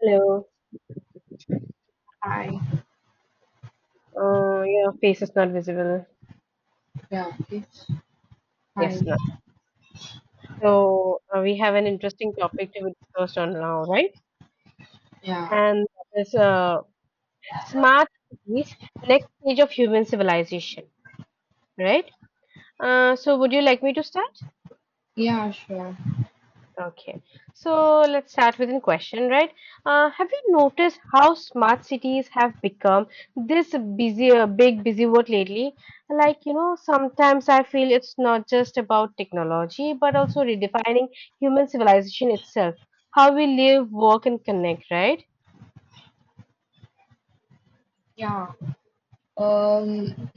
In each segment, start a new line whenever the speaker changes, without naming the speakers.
Hello.
Hi.
Your face is not visible.
Yeah, it's
Yes,
fine.
not. So we have an interesting topic to be discussed on now, right?
Yeah.
And that is smart cities, next stage of human civilization, right? So would you like me to start?
Yeah, sure.
Okay, so let's start with a question, right? Have you noticed how smart cities have become this busy, big busy world lately? Like, you know, sometimes I feel it's not just about technology, but also redefining human civilization itself, how we live, work, and connect, right?
Yeah. Um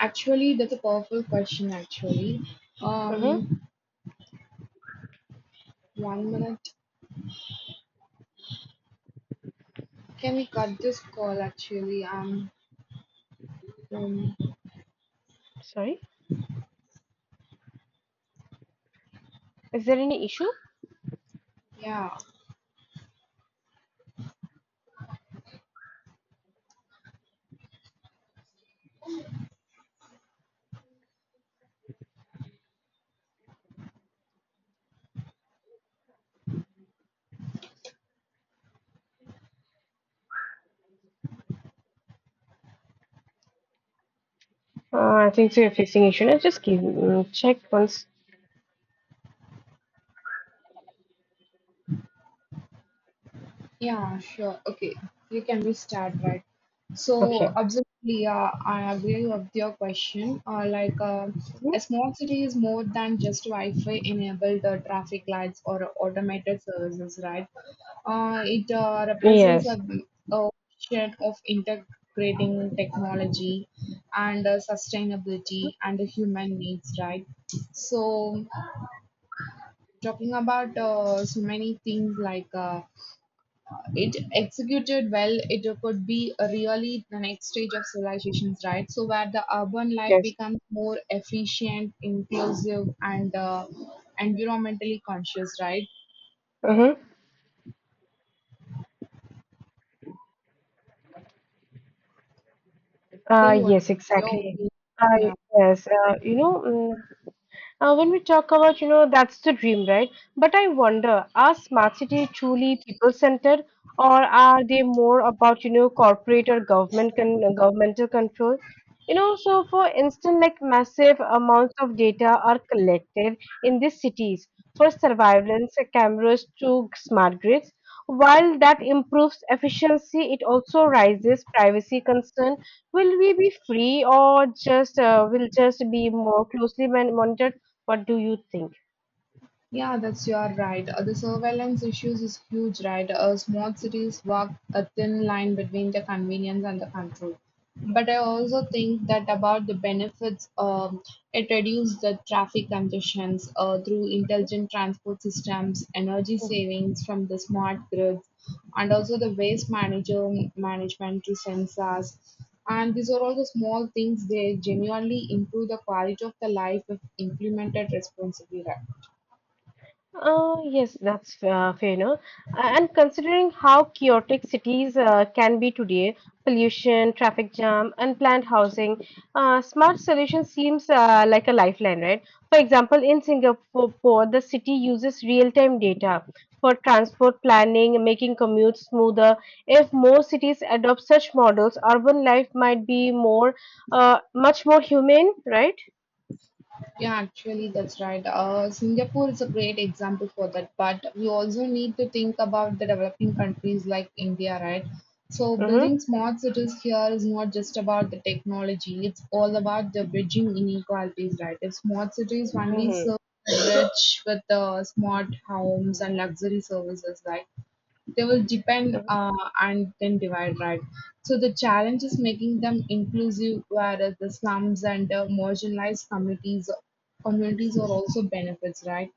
Actually, that's a powerful question actually.
Mm-hmm.
Um One minute. Can we cut this call actually? Um,
Sorry, is there any issue?
yeah.
I think so you're facing issue. Now just give, check once.
Yeah, sure. Okay, you can be start right. So
Okay.
absolutely, I agree with your question.
Mhm.
A small city is more than just Wi-Fi enabled traffic lights or automated services, right? It represents
Yes.
a shared of integrating technology and sustainability and the human needs, right? So talking about so many things like. It executed well, it could be a really the next stage of civilizations, right? So where the urban life
Yes.
becomes more efficient, inclusive, and environmentally conscious, right?
Mm-hmm. Uh,
Then what
yes,
are your
exactly.
opinion?
I
Yeah.
yes, you know, when we talk about, you know, that's the dream, right? But I wonder, are smart cities truly people-centered, or are they more about, you know, corporate or government governmental control? You know, so for instance, like massive amounts of data are collected in these cities for surveillance cameras to smart grids. While that improves efficiency, it also raises privacy concern. Will we be free or just will just be more closely monitored? What do you think?
Yeah, that's you are right. The surveillance issues is huge, right? Small cities walk a thin line between the convenience and the control. But I also think that about the benefits, it reduces the traffic congestions through intelligent transport systems, energy savings from the smart grids, and also the waste manager management through sensors. And these are all the small things. They genuinely improve the quality of the life if implemented responsibly, right?
Yes, that's fair enough. And considering how chaotic cities can be today, pollution, traffic jam, unplanned housing, smart solution seems like a lifeline, right? For example, in Singapore, the city uses real-time data for transport planning, making commutes smoother. If more cities adopt such models, urban life might be more, much more humane, right?
Yeah, actually, that's right. Singapore is a great example for that, but we also need to think about the developing countries like India, right? So,
Mm-hmm.
building smart cities here is not just about the technology, it's all about the bridging inequalities, right? If smart cities only
Mm-hmm.
serve the rich with smart homes and luxury services, right? They will depend and then divide right, so the challenge is making them inclusive whereas the slums and marginalized communities are also benefits right.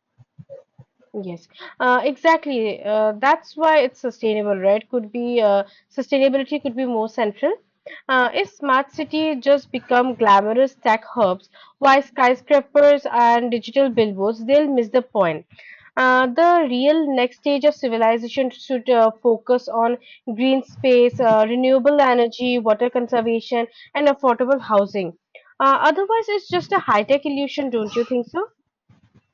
Yes, exactly. That's why it's sustainable, right? Could be sustainability could be more central. If smart city just become glamorous tech hubs, why skyscrapers and digital billboards? They'll miss the point. The real next stage of civilization should focus on green space, renewable energy, water conservation, and affordable housing. Otherwise, it's just a high-tech illusion, don't you think so?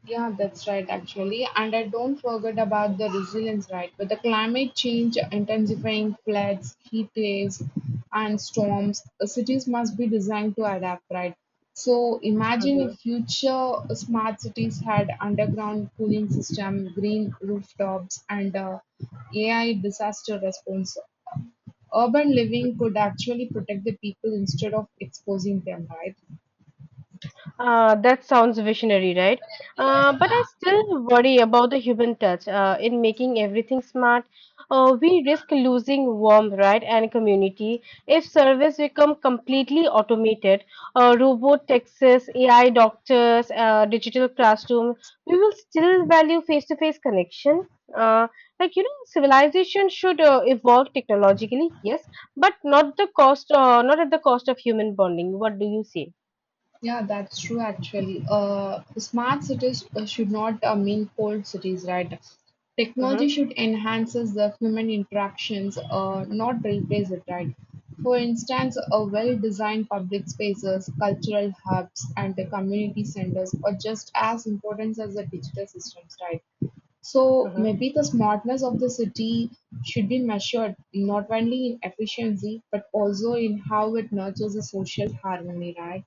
Yeah, that's right, actually. And I don't forget about the resilience, right? With the climate change intensifying floods, heat waves, and storms, cities must be designed to adapt, right? So imagine if
Mhm.
future smart cities had underground cooling system, green rooftops, and AI disaster response. Urban living could actually protect the people instead of exposing them, right?
That sounds visionary, right? But I still worry about the human touch. In making everything smart, we risk losing warmth, right, and community. If service become completely automated, robot taxis, AI doctors, digital classroom, we will still value face-to-face connection. Uh, like you know, civilization should evolve technologically, yes, but not the cost, not at the cost of human bonding. What do you say?
Yeah, that's true actually. Smart cities should not mean cold cities, right? Technology
Mm-hmm.
should enhances the human interactions, not replace it, right? For instance, a well-designed public spaces, cultural hubs, and the community centers are just as important as the digital systems, right? So
Mm-hmm.
maybe the smartness of the city should be measured not only in efficiency but also in how it nurtures the social harmony, right?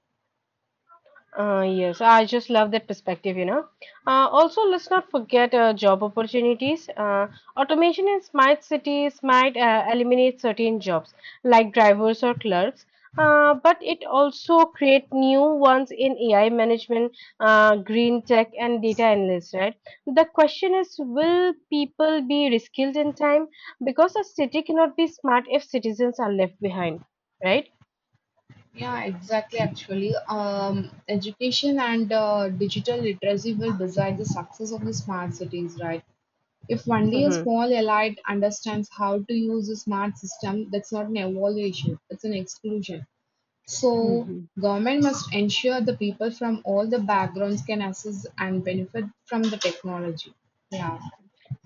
Yes, I just love that perspective, you know. Also, let's not forget job opportunities. Automation in smart cities might eliminate certain jobs like drivers or clerks, but it also create new ones in AI management, green tech, and data analysts, right? The question is, will people be reskilled in time? Because a city cannot be smart if citizens are left behind, right?
Yeah, exactly. Actually, education and digital literacy will decide the success of the smart cities, right? If only a
Mm-hmm.
small elite understands how to use a smart system, that's not an evaluation, it's an exclusion. So,
Hmm.
government must ensure the people from all the backgrounds can access and benefit from the technology. Yeah,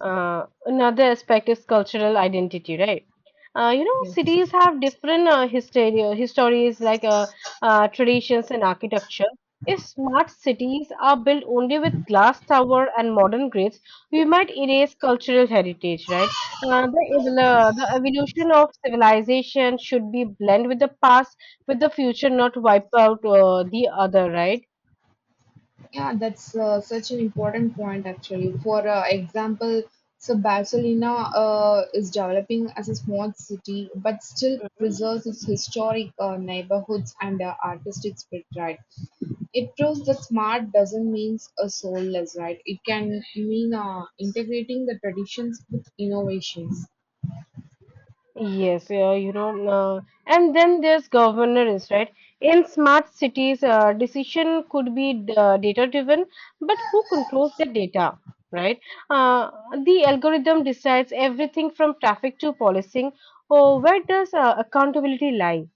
Another aspect is cultural identity, right? You know,
yes.
cities have different histories like traditions and architecture. If smart cities are built only with glass tower and modern grids, we might erase cultural heritage, right? The evolution of civilization should be blend with the past, with the future, not wipe out the other, right?
Yeah, that's such an important point actually. For example, so Barcelona is developing as a small city, but still preserves its historic neighborhoods and artistic spirit, right? It proves that smart doesn't mean a soulless, right? It can mean integrating the traditions with innovations.
Yes, yeah, you know, and then there's governance, right? In smart cities, decision could be data driven, but who controls the data, right? Uh, the algorithm decides everything from traffic to policing. Oh, where does accountability lie?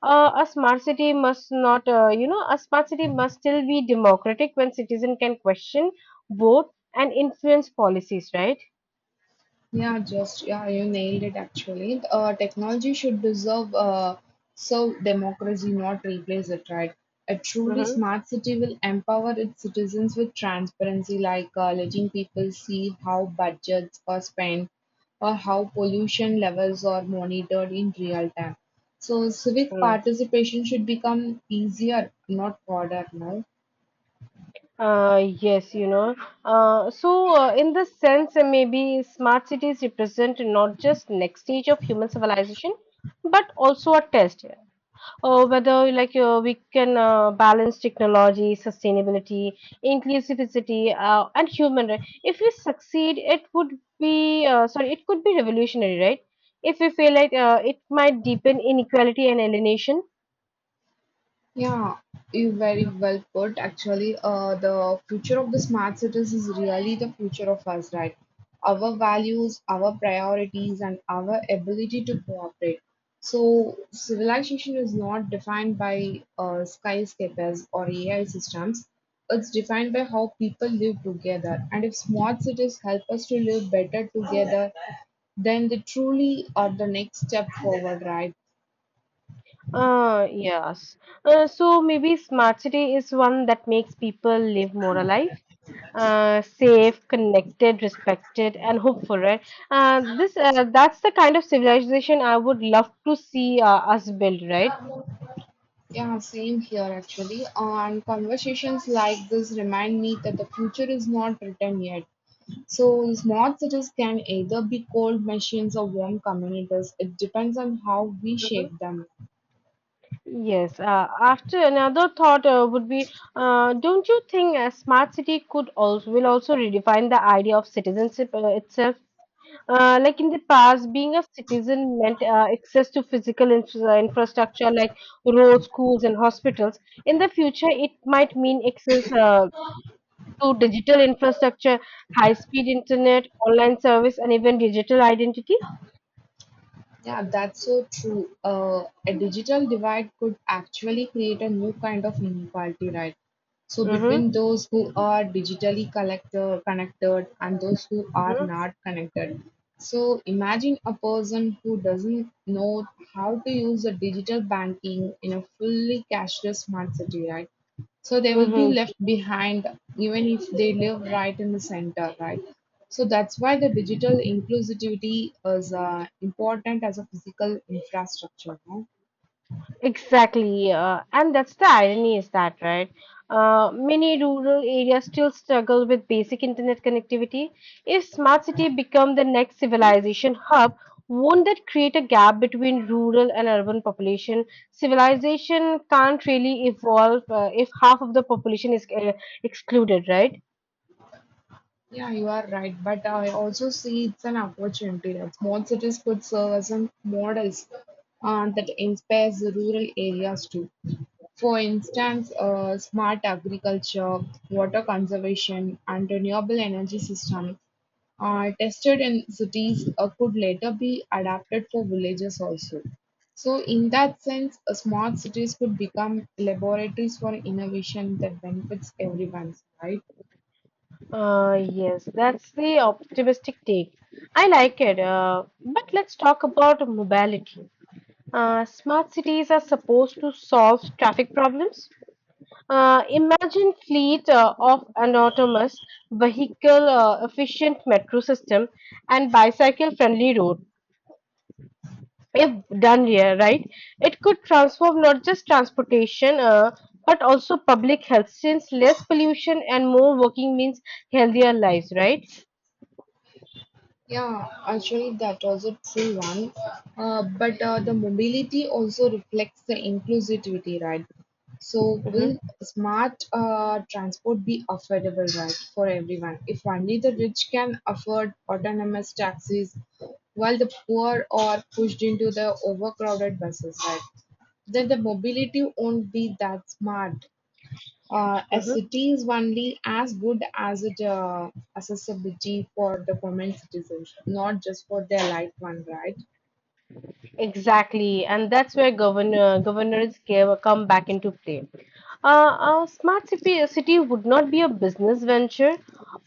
A smart city must not, you know, a smart city must still be democratic when citizen can question, vote, and influence policies, right?
Yeah, just yeah, you nailed it actually. Technology should deserve serve democracy, not replace it, right? A truly
Mm-hmm.
smart city will empower its citizens with transparency, like letting people see how budgets are spent or how pollution levels are monitored in real time. So civic
Mm.
participation should become easier, not harder now.
Yes, you know. Uh, so, in this sense, maybe smart cities represent not just next stage of human civilization, but also a test. Whether we can balance technology, sustainability, inclusivity, and human right. If we succeed, it could be revolutionary, right? If we fail, it might deepen inequality and alienation.
Yeah, you very well put. Actually, the future of the smart cities is really the future of us, right? Our values, our priorities, and our ability to cooperate. So, civilization is not defined by skyscrapers or AI systems. It's defined by how people live together. And if smart cities help us to live better together, then they truly are the next step forward, right?
Yes. So maybe smart city is one that makes people live more alive, safe, connected, respected, and hopeful, right? This that's the kind of civilization I would love to see us build, right?
Yeah, same here actually. And conversations like this remind me that the future is not written yet. So, smart cities can either be cold machines or warm communities. It depends on how we
Mhm.
shape them.
Yes, after another thought would be, don't you think a smart city could also will also redefine the idea of citizenship itself? Like in the past, being a citizen meant access to physical infrastructure like roads, schools, and hospitals. In the future, it might mean access to digital infrastructure, high-speed internet, online service, and even digital identity.
Yeah, that's so true. A digital divide could actually create a new kind of inequality, right? So
Mm-hmm.
between those who are digitally connected and those who are
Mm-hmm.
not connected. So imagine a person who doesn't know how to use a digital banking in a fully cashless smart city, right? So they will be
Mm-hmm.
left behind even if they live right in the center, right? So that's why the digital inclusivity is important as a physical infrastructure, no?
Exactly, and that's the irony, is that right? Many rural areas still struggle with basic internet connectivity. If smart city become the next civilization hub, won't that create a gap between rural and urban population? Civilization can't really evolve if half of the population is excluded, right?
Yeah, you are right. But I also see it's an opportunity that small cities could serve as a models that inspires the rural areas too. For instance, smart agriculture, water conservation, and renewable energy systems tested in cities could later be adapted for villages also. So, in that sense, smart cities could become laboratories for innovation that benefits everyone, right?
Yes, that's the optimistic take. I like it. But let's talk about mobility. Smart cities are supposed to solve traffic problems. Imagine fleet of an autonomous vehicle efficient metro system and bicycle friendly road. If done here, right, it could transform not just transportation but also public health since less pollution and more working means healthier lives, right?
Yeah, actually, that was a true one. But The mobility also reflects the inclusivity, right? So,
Mm-hmm.
will smart transport be affordable, right, for everyone? If only the rich can afford autonomous taxis, while the poor are pushed into the overcrowded buses, right? Then the mobility won't be that smart. A
Hmm.
city is only as good as its accessibility for the common citizens, not just for their light one, right?
Exactly, and that's where governors give, come back into play. A smart city would not be a business venture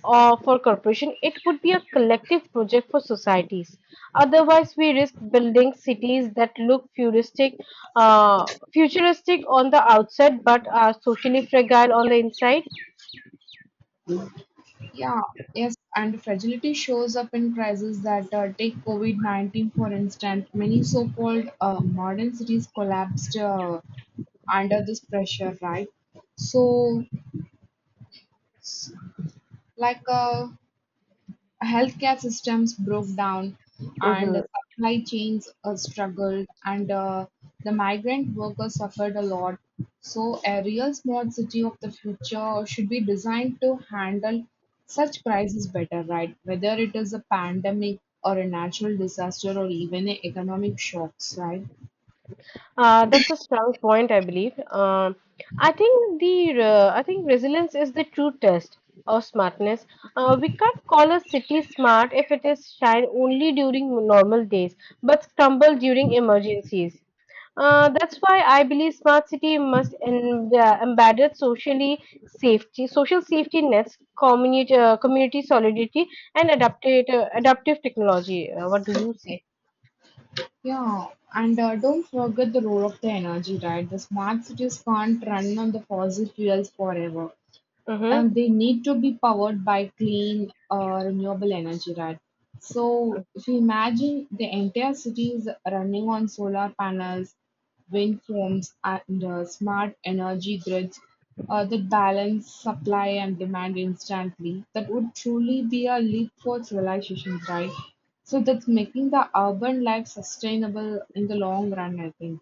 or for corporation. It would be a collective project for societies. Otherwise, we risk building cities that look futuristic, futuristic on the outside, but are socially fragile on the inside.
Yeah, yes, and fragility shows up in crises that take COVID 19, for instance. Many so called modern cities collapsed under this pressure, right? So, like, uh, healthcare systems broke down and the
Mhm.
supply chains struggled and the migrant workers suffered a lot. So a real smart city of the future should be designed to handle such crises better, right? Whether it is a pandemic or a natural disaster or even a economic shocks, right?
That's a strong point, I believe. I think the I think resilience is the true test of smartness. We can't call a city smart if it is shine only during normal days, but crumble during emergencies. That's why I believe smart city must embed socially safety, social safety nets, community solidarity, and adaptive technology. What do you say?
Yeah, and don't forget the role of the energy, right? The smart cities can't run on the fossil fuels forever.
Mm-hmm.
They need to be powered by clean renewable energy, right? So if you imagine the entire city is running on solar panels, wind farms, and smart energy grids that balance supply and demand instantly, that would truly be a leap for civilization, right? So that's making the urban life sustainable in the long run, I think.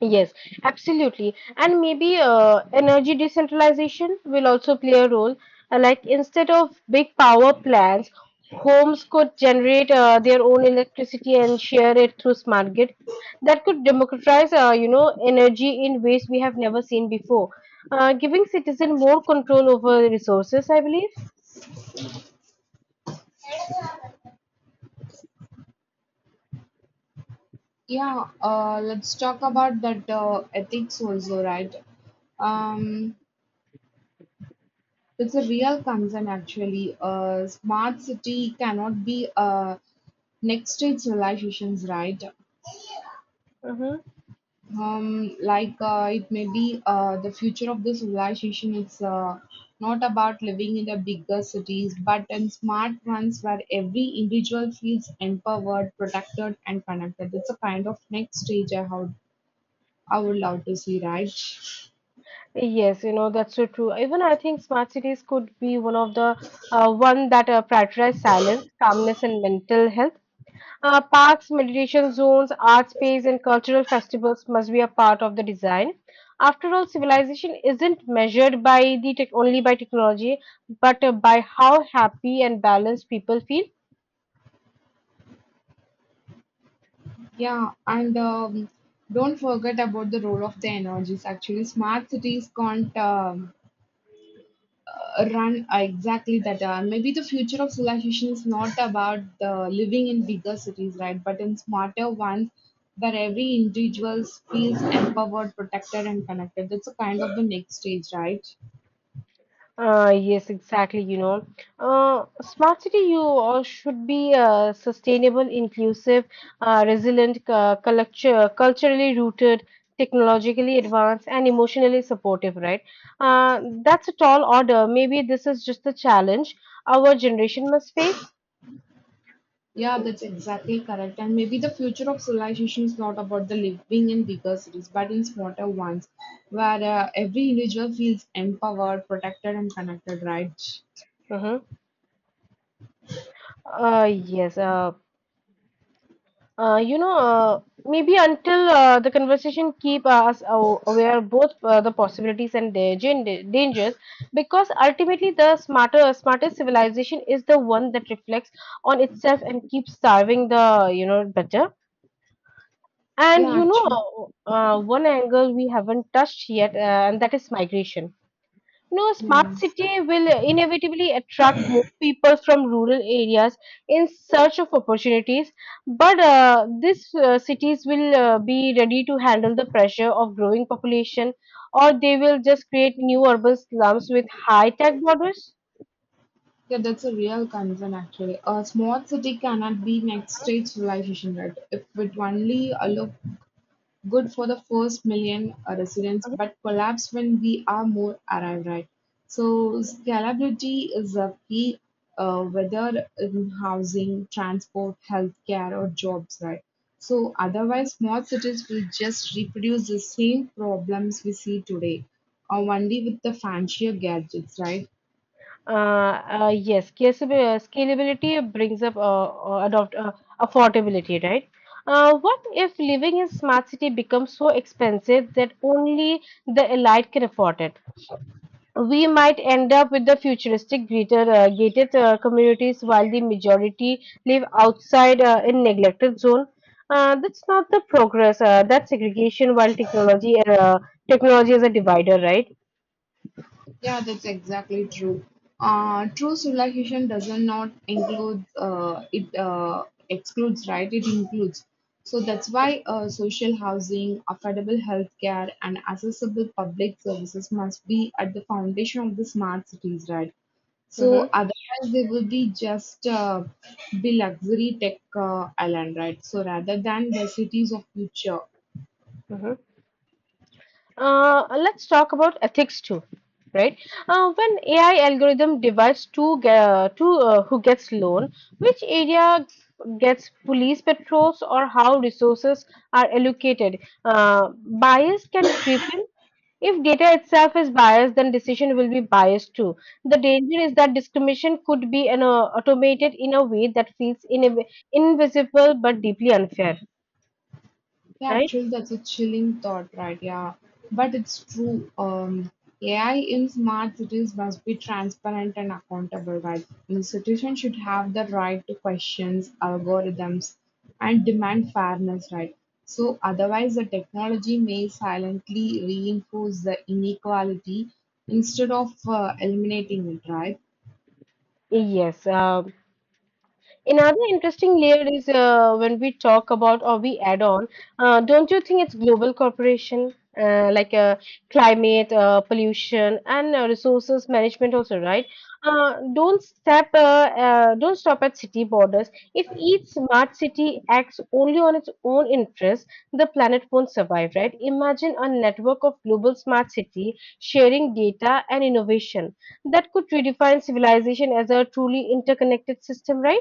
Yes, absolutely. And maybe energy decentralization will also play a role. Like instead of big power plants, homes could generate their own electricity and share it through smart grid. That could democratize, you know, energy in ways we have never seen before, giving citizen more control over resources, I believe.
Yeah, let's talk about that ethics also, right? Um, it's a real concern actually. Smart city cannot be next stage civilizations, right?
Mm-hmm.
It may be the future of the civilization. It's not about living in the bigger cities, but in smart ones where every individual feels empowered, protected, and connected. It's a kind of next stage I would love to see, right?
Yes, you know, that's so true. Even I think smart cities could be one of the one that prioritize silence, calmness, and mental health. Parks, meditation zones, art space, and cultural festivals must be a part of the design. After all, civilization isn't measured by the tech only by technology, but by how happy and balanced people feel.
Yeah, and don't forget about the role of the energies. Actually, smart cities can't run exactly that. Maybe the future of civilization is not about the living in bigger cities, right? But in smarter ones, where every individual feels empowered, protected, and connected. That's a kind of the next stage, right?
Yes, exactly. You know, smart city you all should be sustainable, inclusive, resilient, culturally rooted, technologically advanced, and emotionally supportive, right? That's a tall order. Maybe this is just the challenge our generation must face.
Yeah, that's exactly correct. And maybe the future of civilization is not about the living in bigger cities, but in smaller ones, where every individual feels empowered, protected, and connected, right?
Mm-hmm. Yes. You know, maybe until the conversation keep us aware of both the possibilities and the dangers, because ultimately the smartest civilization is the one that reflects on itself and keeps starving the you know better. And
Yeah,
you
actually,
know, one angle we haven't touched yet, and that is migration. No
yeah,
smart city will inevitably attract more people from rural areas in search of opportunities, but these cities will be ready to handle the pressure of growing population, or they will just create new urban slums with high-tech borders.
yeah, that's a real concern. Actually, a small city cannot be next stage civilization, right? If it only allow good for the first million residents, but collapse when we are more arrived, right. So scalability is a key, whether in housing, transport, healthcare, or jobs, right? So otherwise, small cities will just reproduce the same problems we see today, or only with the fancier gadgets, right?
Scalability brings up adopt affordability, right? What if living in smart city becomes so expensive that only the elite can afford it? We might end up with the futuristic greater gated communities while the majority live outside in neglected zone. That's not the progress, that's segregation. While technology is a divider, right?
Yeah, that's exactly true. True civilization does not include it excludes, right? It includes. So that's why social housing, affordable healthcare, and accessible public services must be at the foundation of the smart cities, right?
Mm-hmm.
So otherwise, they will be just be luxury tech island, right? So rather than the cities of future.
Mm-hmm. Let's talk about ethics too, right? When AI algorithm divides two who gets loan, which area gets police patrols, or how resources are allocated, uh, bias can creep in. If data itself is biased, then decision will be biased too. The danger is that discrimination could be automated in a way that feels in invisible but deeply unfair,
Yeah,
right?
actually, that's a chilling thought, right? Yeah, but it's true. AI in smart cities must be transparent and accountable, right? Institutions should have the right to questions algorithms and demand fairness, right? So, otherwise, the technology may silently reinforce the inequality instead of eliminating it, right?
Yes. Another interesting layer is when we talk about or we add on, don't you think it's global cooperation, uh, like uh, climate, pollution, and resources management also, right? Don't stop at city borders. If each smart city acts only on its own interests, the planet won't survive, right? Imagine a network of global smart city sharing data and innovation that could redefine civilization as a truly interconnected system, right?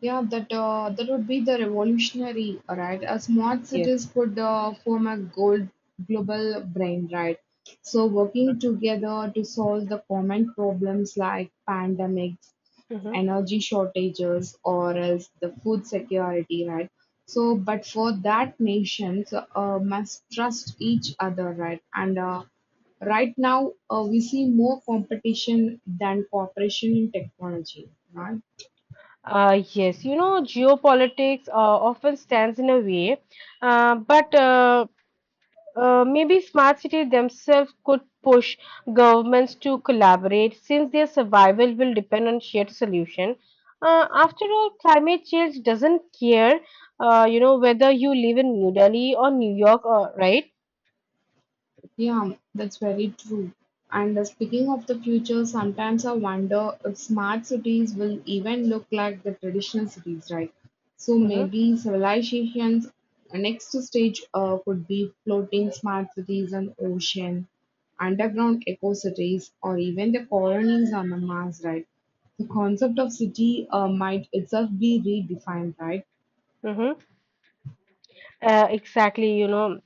Yeah, that would be the revolutionary, right? A smart
Yes.
cities could form a gold global brain, right? So working together to solve the common problems like pandemics,
Mhm.
energy shortages, or else the food security, right? So, but for that, nations must trust each other, right? And right now, we see more competition than cooperation in technology, right?
Yes, you know, geopolitics often stands in a way, but maybe smart cities themselves could push governments to collaborate since their survival will depend on shared solution. After all, climate change doesn't care, whether you live in New Delhi or New York, or, right?
Yeah, that's very true. And speaking of the future, sometimes I wonder if smart cities will even look like the traditional cities, right? So
Mm-hmm.
maybe civilization's next stage could be floating smart cities on ocean, underground eco cities, or even the colonies on the Mars, right? The concept of city might itself be redefined, right?
Mm-hmm. Exactly,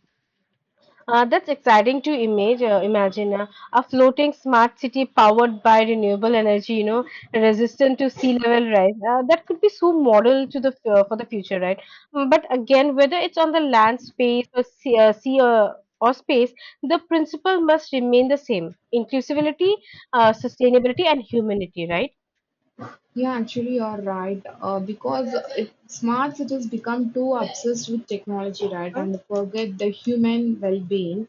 That's exciting to imagine a floating smart city powered by renewable energy, resistant to sea level rise. That could be so model to for the future, right? Mm. But again, whether it's on the land space or sea or space, the principle must remain the same: inclusivity, sustainability, and humanity, right?
Yeah, actually, you're right. Smart cities become too obsessed with technology, right, and they forget the human well-being,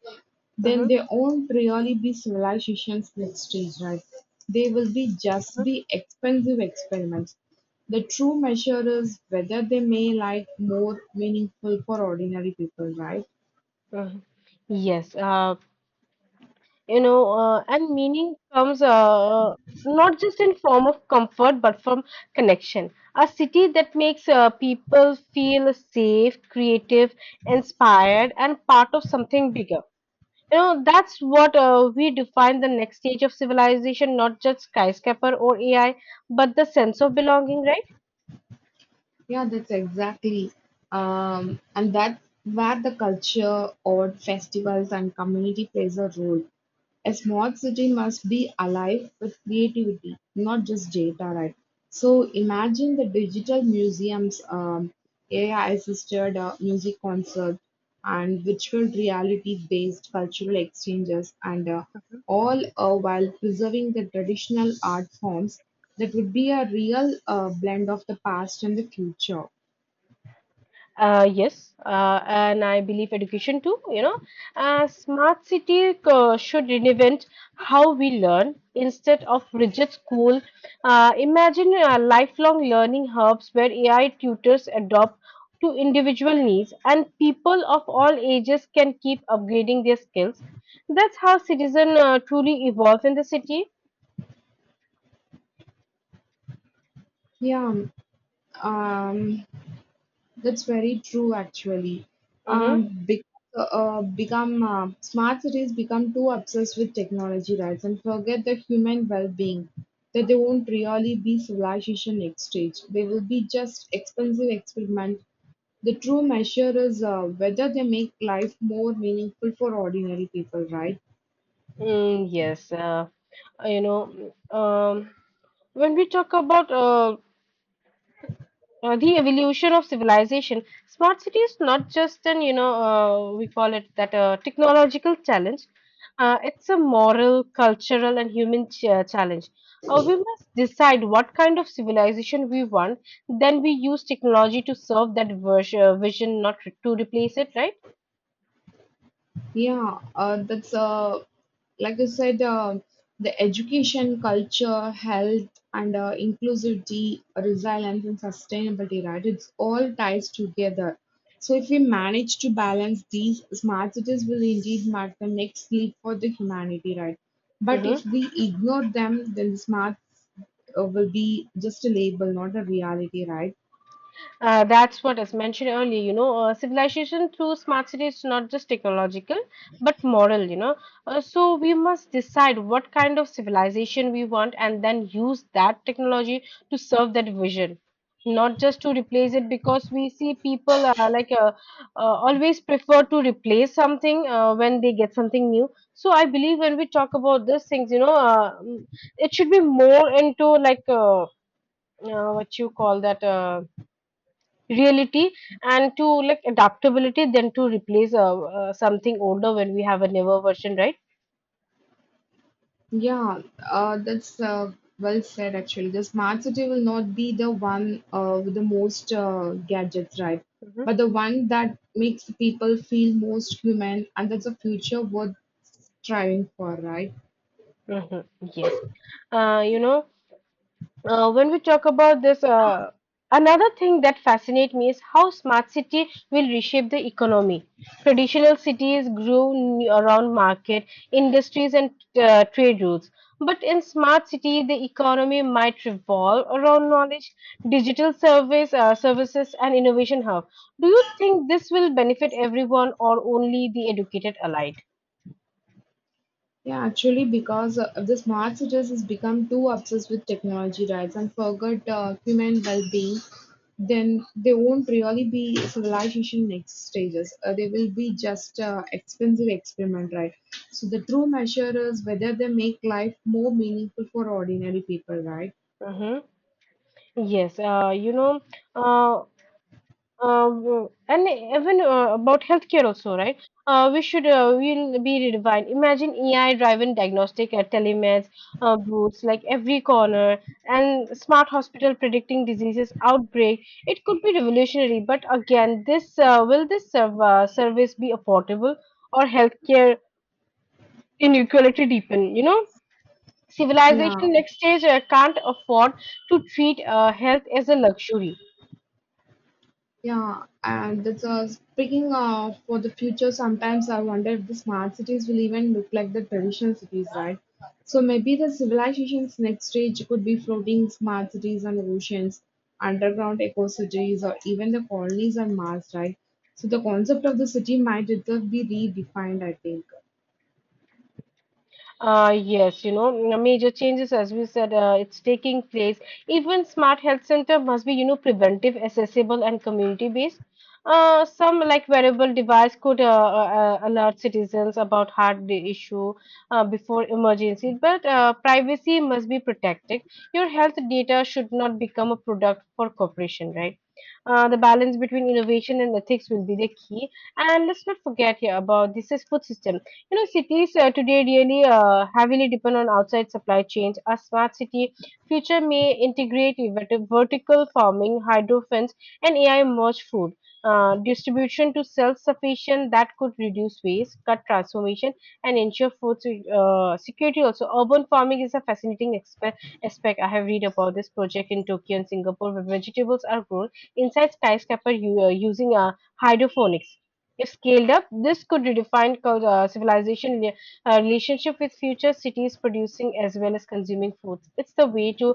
then
Mm-hmm.
they won't really be civilizations next stage, right? They will be just be expensive experiments. The true measure is whether they may like more meaningful for ordinary people, right?
Hmm. Yes. And meaning comes not just in form of comfort but from connection, a city that makes people feel safe, creative, inspired, and part of something bigger. You know, that's what we define the next stage of civilization, not just skyscraper or ai, but the sense of belonging, right?
Yeah, that's exactly. And that's where the culture, or festivals, and community plays a role. A small city must be alive with creativity, not just data, right? So imagine the digital museums, AI assisted music concert, and virtual reality-based cultural exchanges, and all while preserving the traditional art forms, that would be a real blend of the past and the future.
Yes, and I believe education too. You know, smart city should reinvent how we learn instead of rigid school. Imagine lifelong learning hubs where AI tutors adopt to individual needs, and people of all ages can keep upgrading their skills. That's how citizen truly evolve in the city.
Yeah, um, um, That's very true, actually.
Mm-hmm.
Be- become Smart cities become too obsessed with technology, right, and forget the human well-being. That they won't really be civilization next stage. They will be just expensive experiment. The true measure is whether they make life more meaningful for ordinary people, right?
Mm, yes, uh, you know. When we talk about the evolution of civilization, smart city is not just an you know we call it that a technological challenge. It's a moral, cultural, and human challenge. We must decide what kind of civilization we want, then we use technology to serve that vision, not to replace it, right?
Yeah, that's like I said, the education, culture, health, and inclusivity, resilience, and sustainability, right? It's all ties together. So if we manage to balance these, smart cities will indeed mark the next leap for the humanity, right? But if
Hmm.
we ignore them, then smart will be just a label, not a reality, right?
That's what is mentioned earlier, you know, civilization through smart cities is not just technological, but moral, you know. So we must decide what kind of civilization we want and then use that technology to serve that vision, not just to replace it, because we see people always prefer to replace something when they get something new. So I believe when we talk about these things, it should be more into like what you call that. Reality, and to like adaptability than to replace something older when we have a newer version, right?
Yeah, that's well said actually. The smart city will not be the one with the most gadgets, right?
Hmm.
But the one that makes people feel most human, and that's a future worth striving for, right?
Hmm. Yes. uh, you know when we talk about this, another thing that fascinates me is how smart city will reshape the economy. Traditional cities grew around market, industries, and trade routes. But in smart city, the economy might revolve around knowledge, services, and innovation hub. Do you think this will benefit everyone or only the educated elite?
Yeah, actually, because the smart cities has become too obsessed with technology, right, and forgot human well-being, then they won't really be civilization next stages. They will be just expensive experiment, right? So the true measure is whether they make life more meaningful for ordinary people, right?
Hmm. Yes, you know. Uh, and even about healthcare also, right? We'll be redefined. Imagine AI-driven diagnostic at telemeds, booths like every corner, and smart hospital predicting diseases outbreak. It could be revolutionary, but again, this will this service be affordable, or healthcare inequality deepen? You know,
Yeah.
civilization next stage can't afford to treat health as a luxury.
Yeah, and that's speaking of for the future. Sometimes I wonder if the smart cities will even look like the traditional cities, right? So maybe the civilization's next stage could be floating smart cities on oceans, underground eco cities, or even the colonies on Mars, right? So the concept of the city might itself be redefined, I think.
Yes, you know, major changes, as we said, it's taking place. Even smart health center must be, you know, preventive, accessible, and community based. Some like wearable device could alert citizens about heart day issue before emergency, but privacy must be protected. Your health data should not become a product for corporation, right? The balance between innovation and ethics will be the key. And let's not forget here about this is food system. You know, cities today really heavily depend on outside supply chains. A smart city future may integrate vertical farming, hydroponics, and AI merged food distribution to self-sufficient that could reduce waste, cut transformation, and ensure food security. Also, urban farming is a fascinating aspect. I have read about this project in Tokyo and Singapore, where vegetables are grown inside skyscraper using hydroponics. If scaled up, this could redefine civilization relationship with future cities producing as well as consuming foods. It's the way to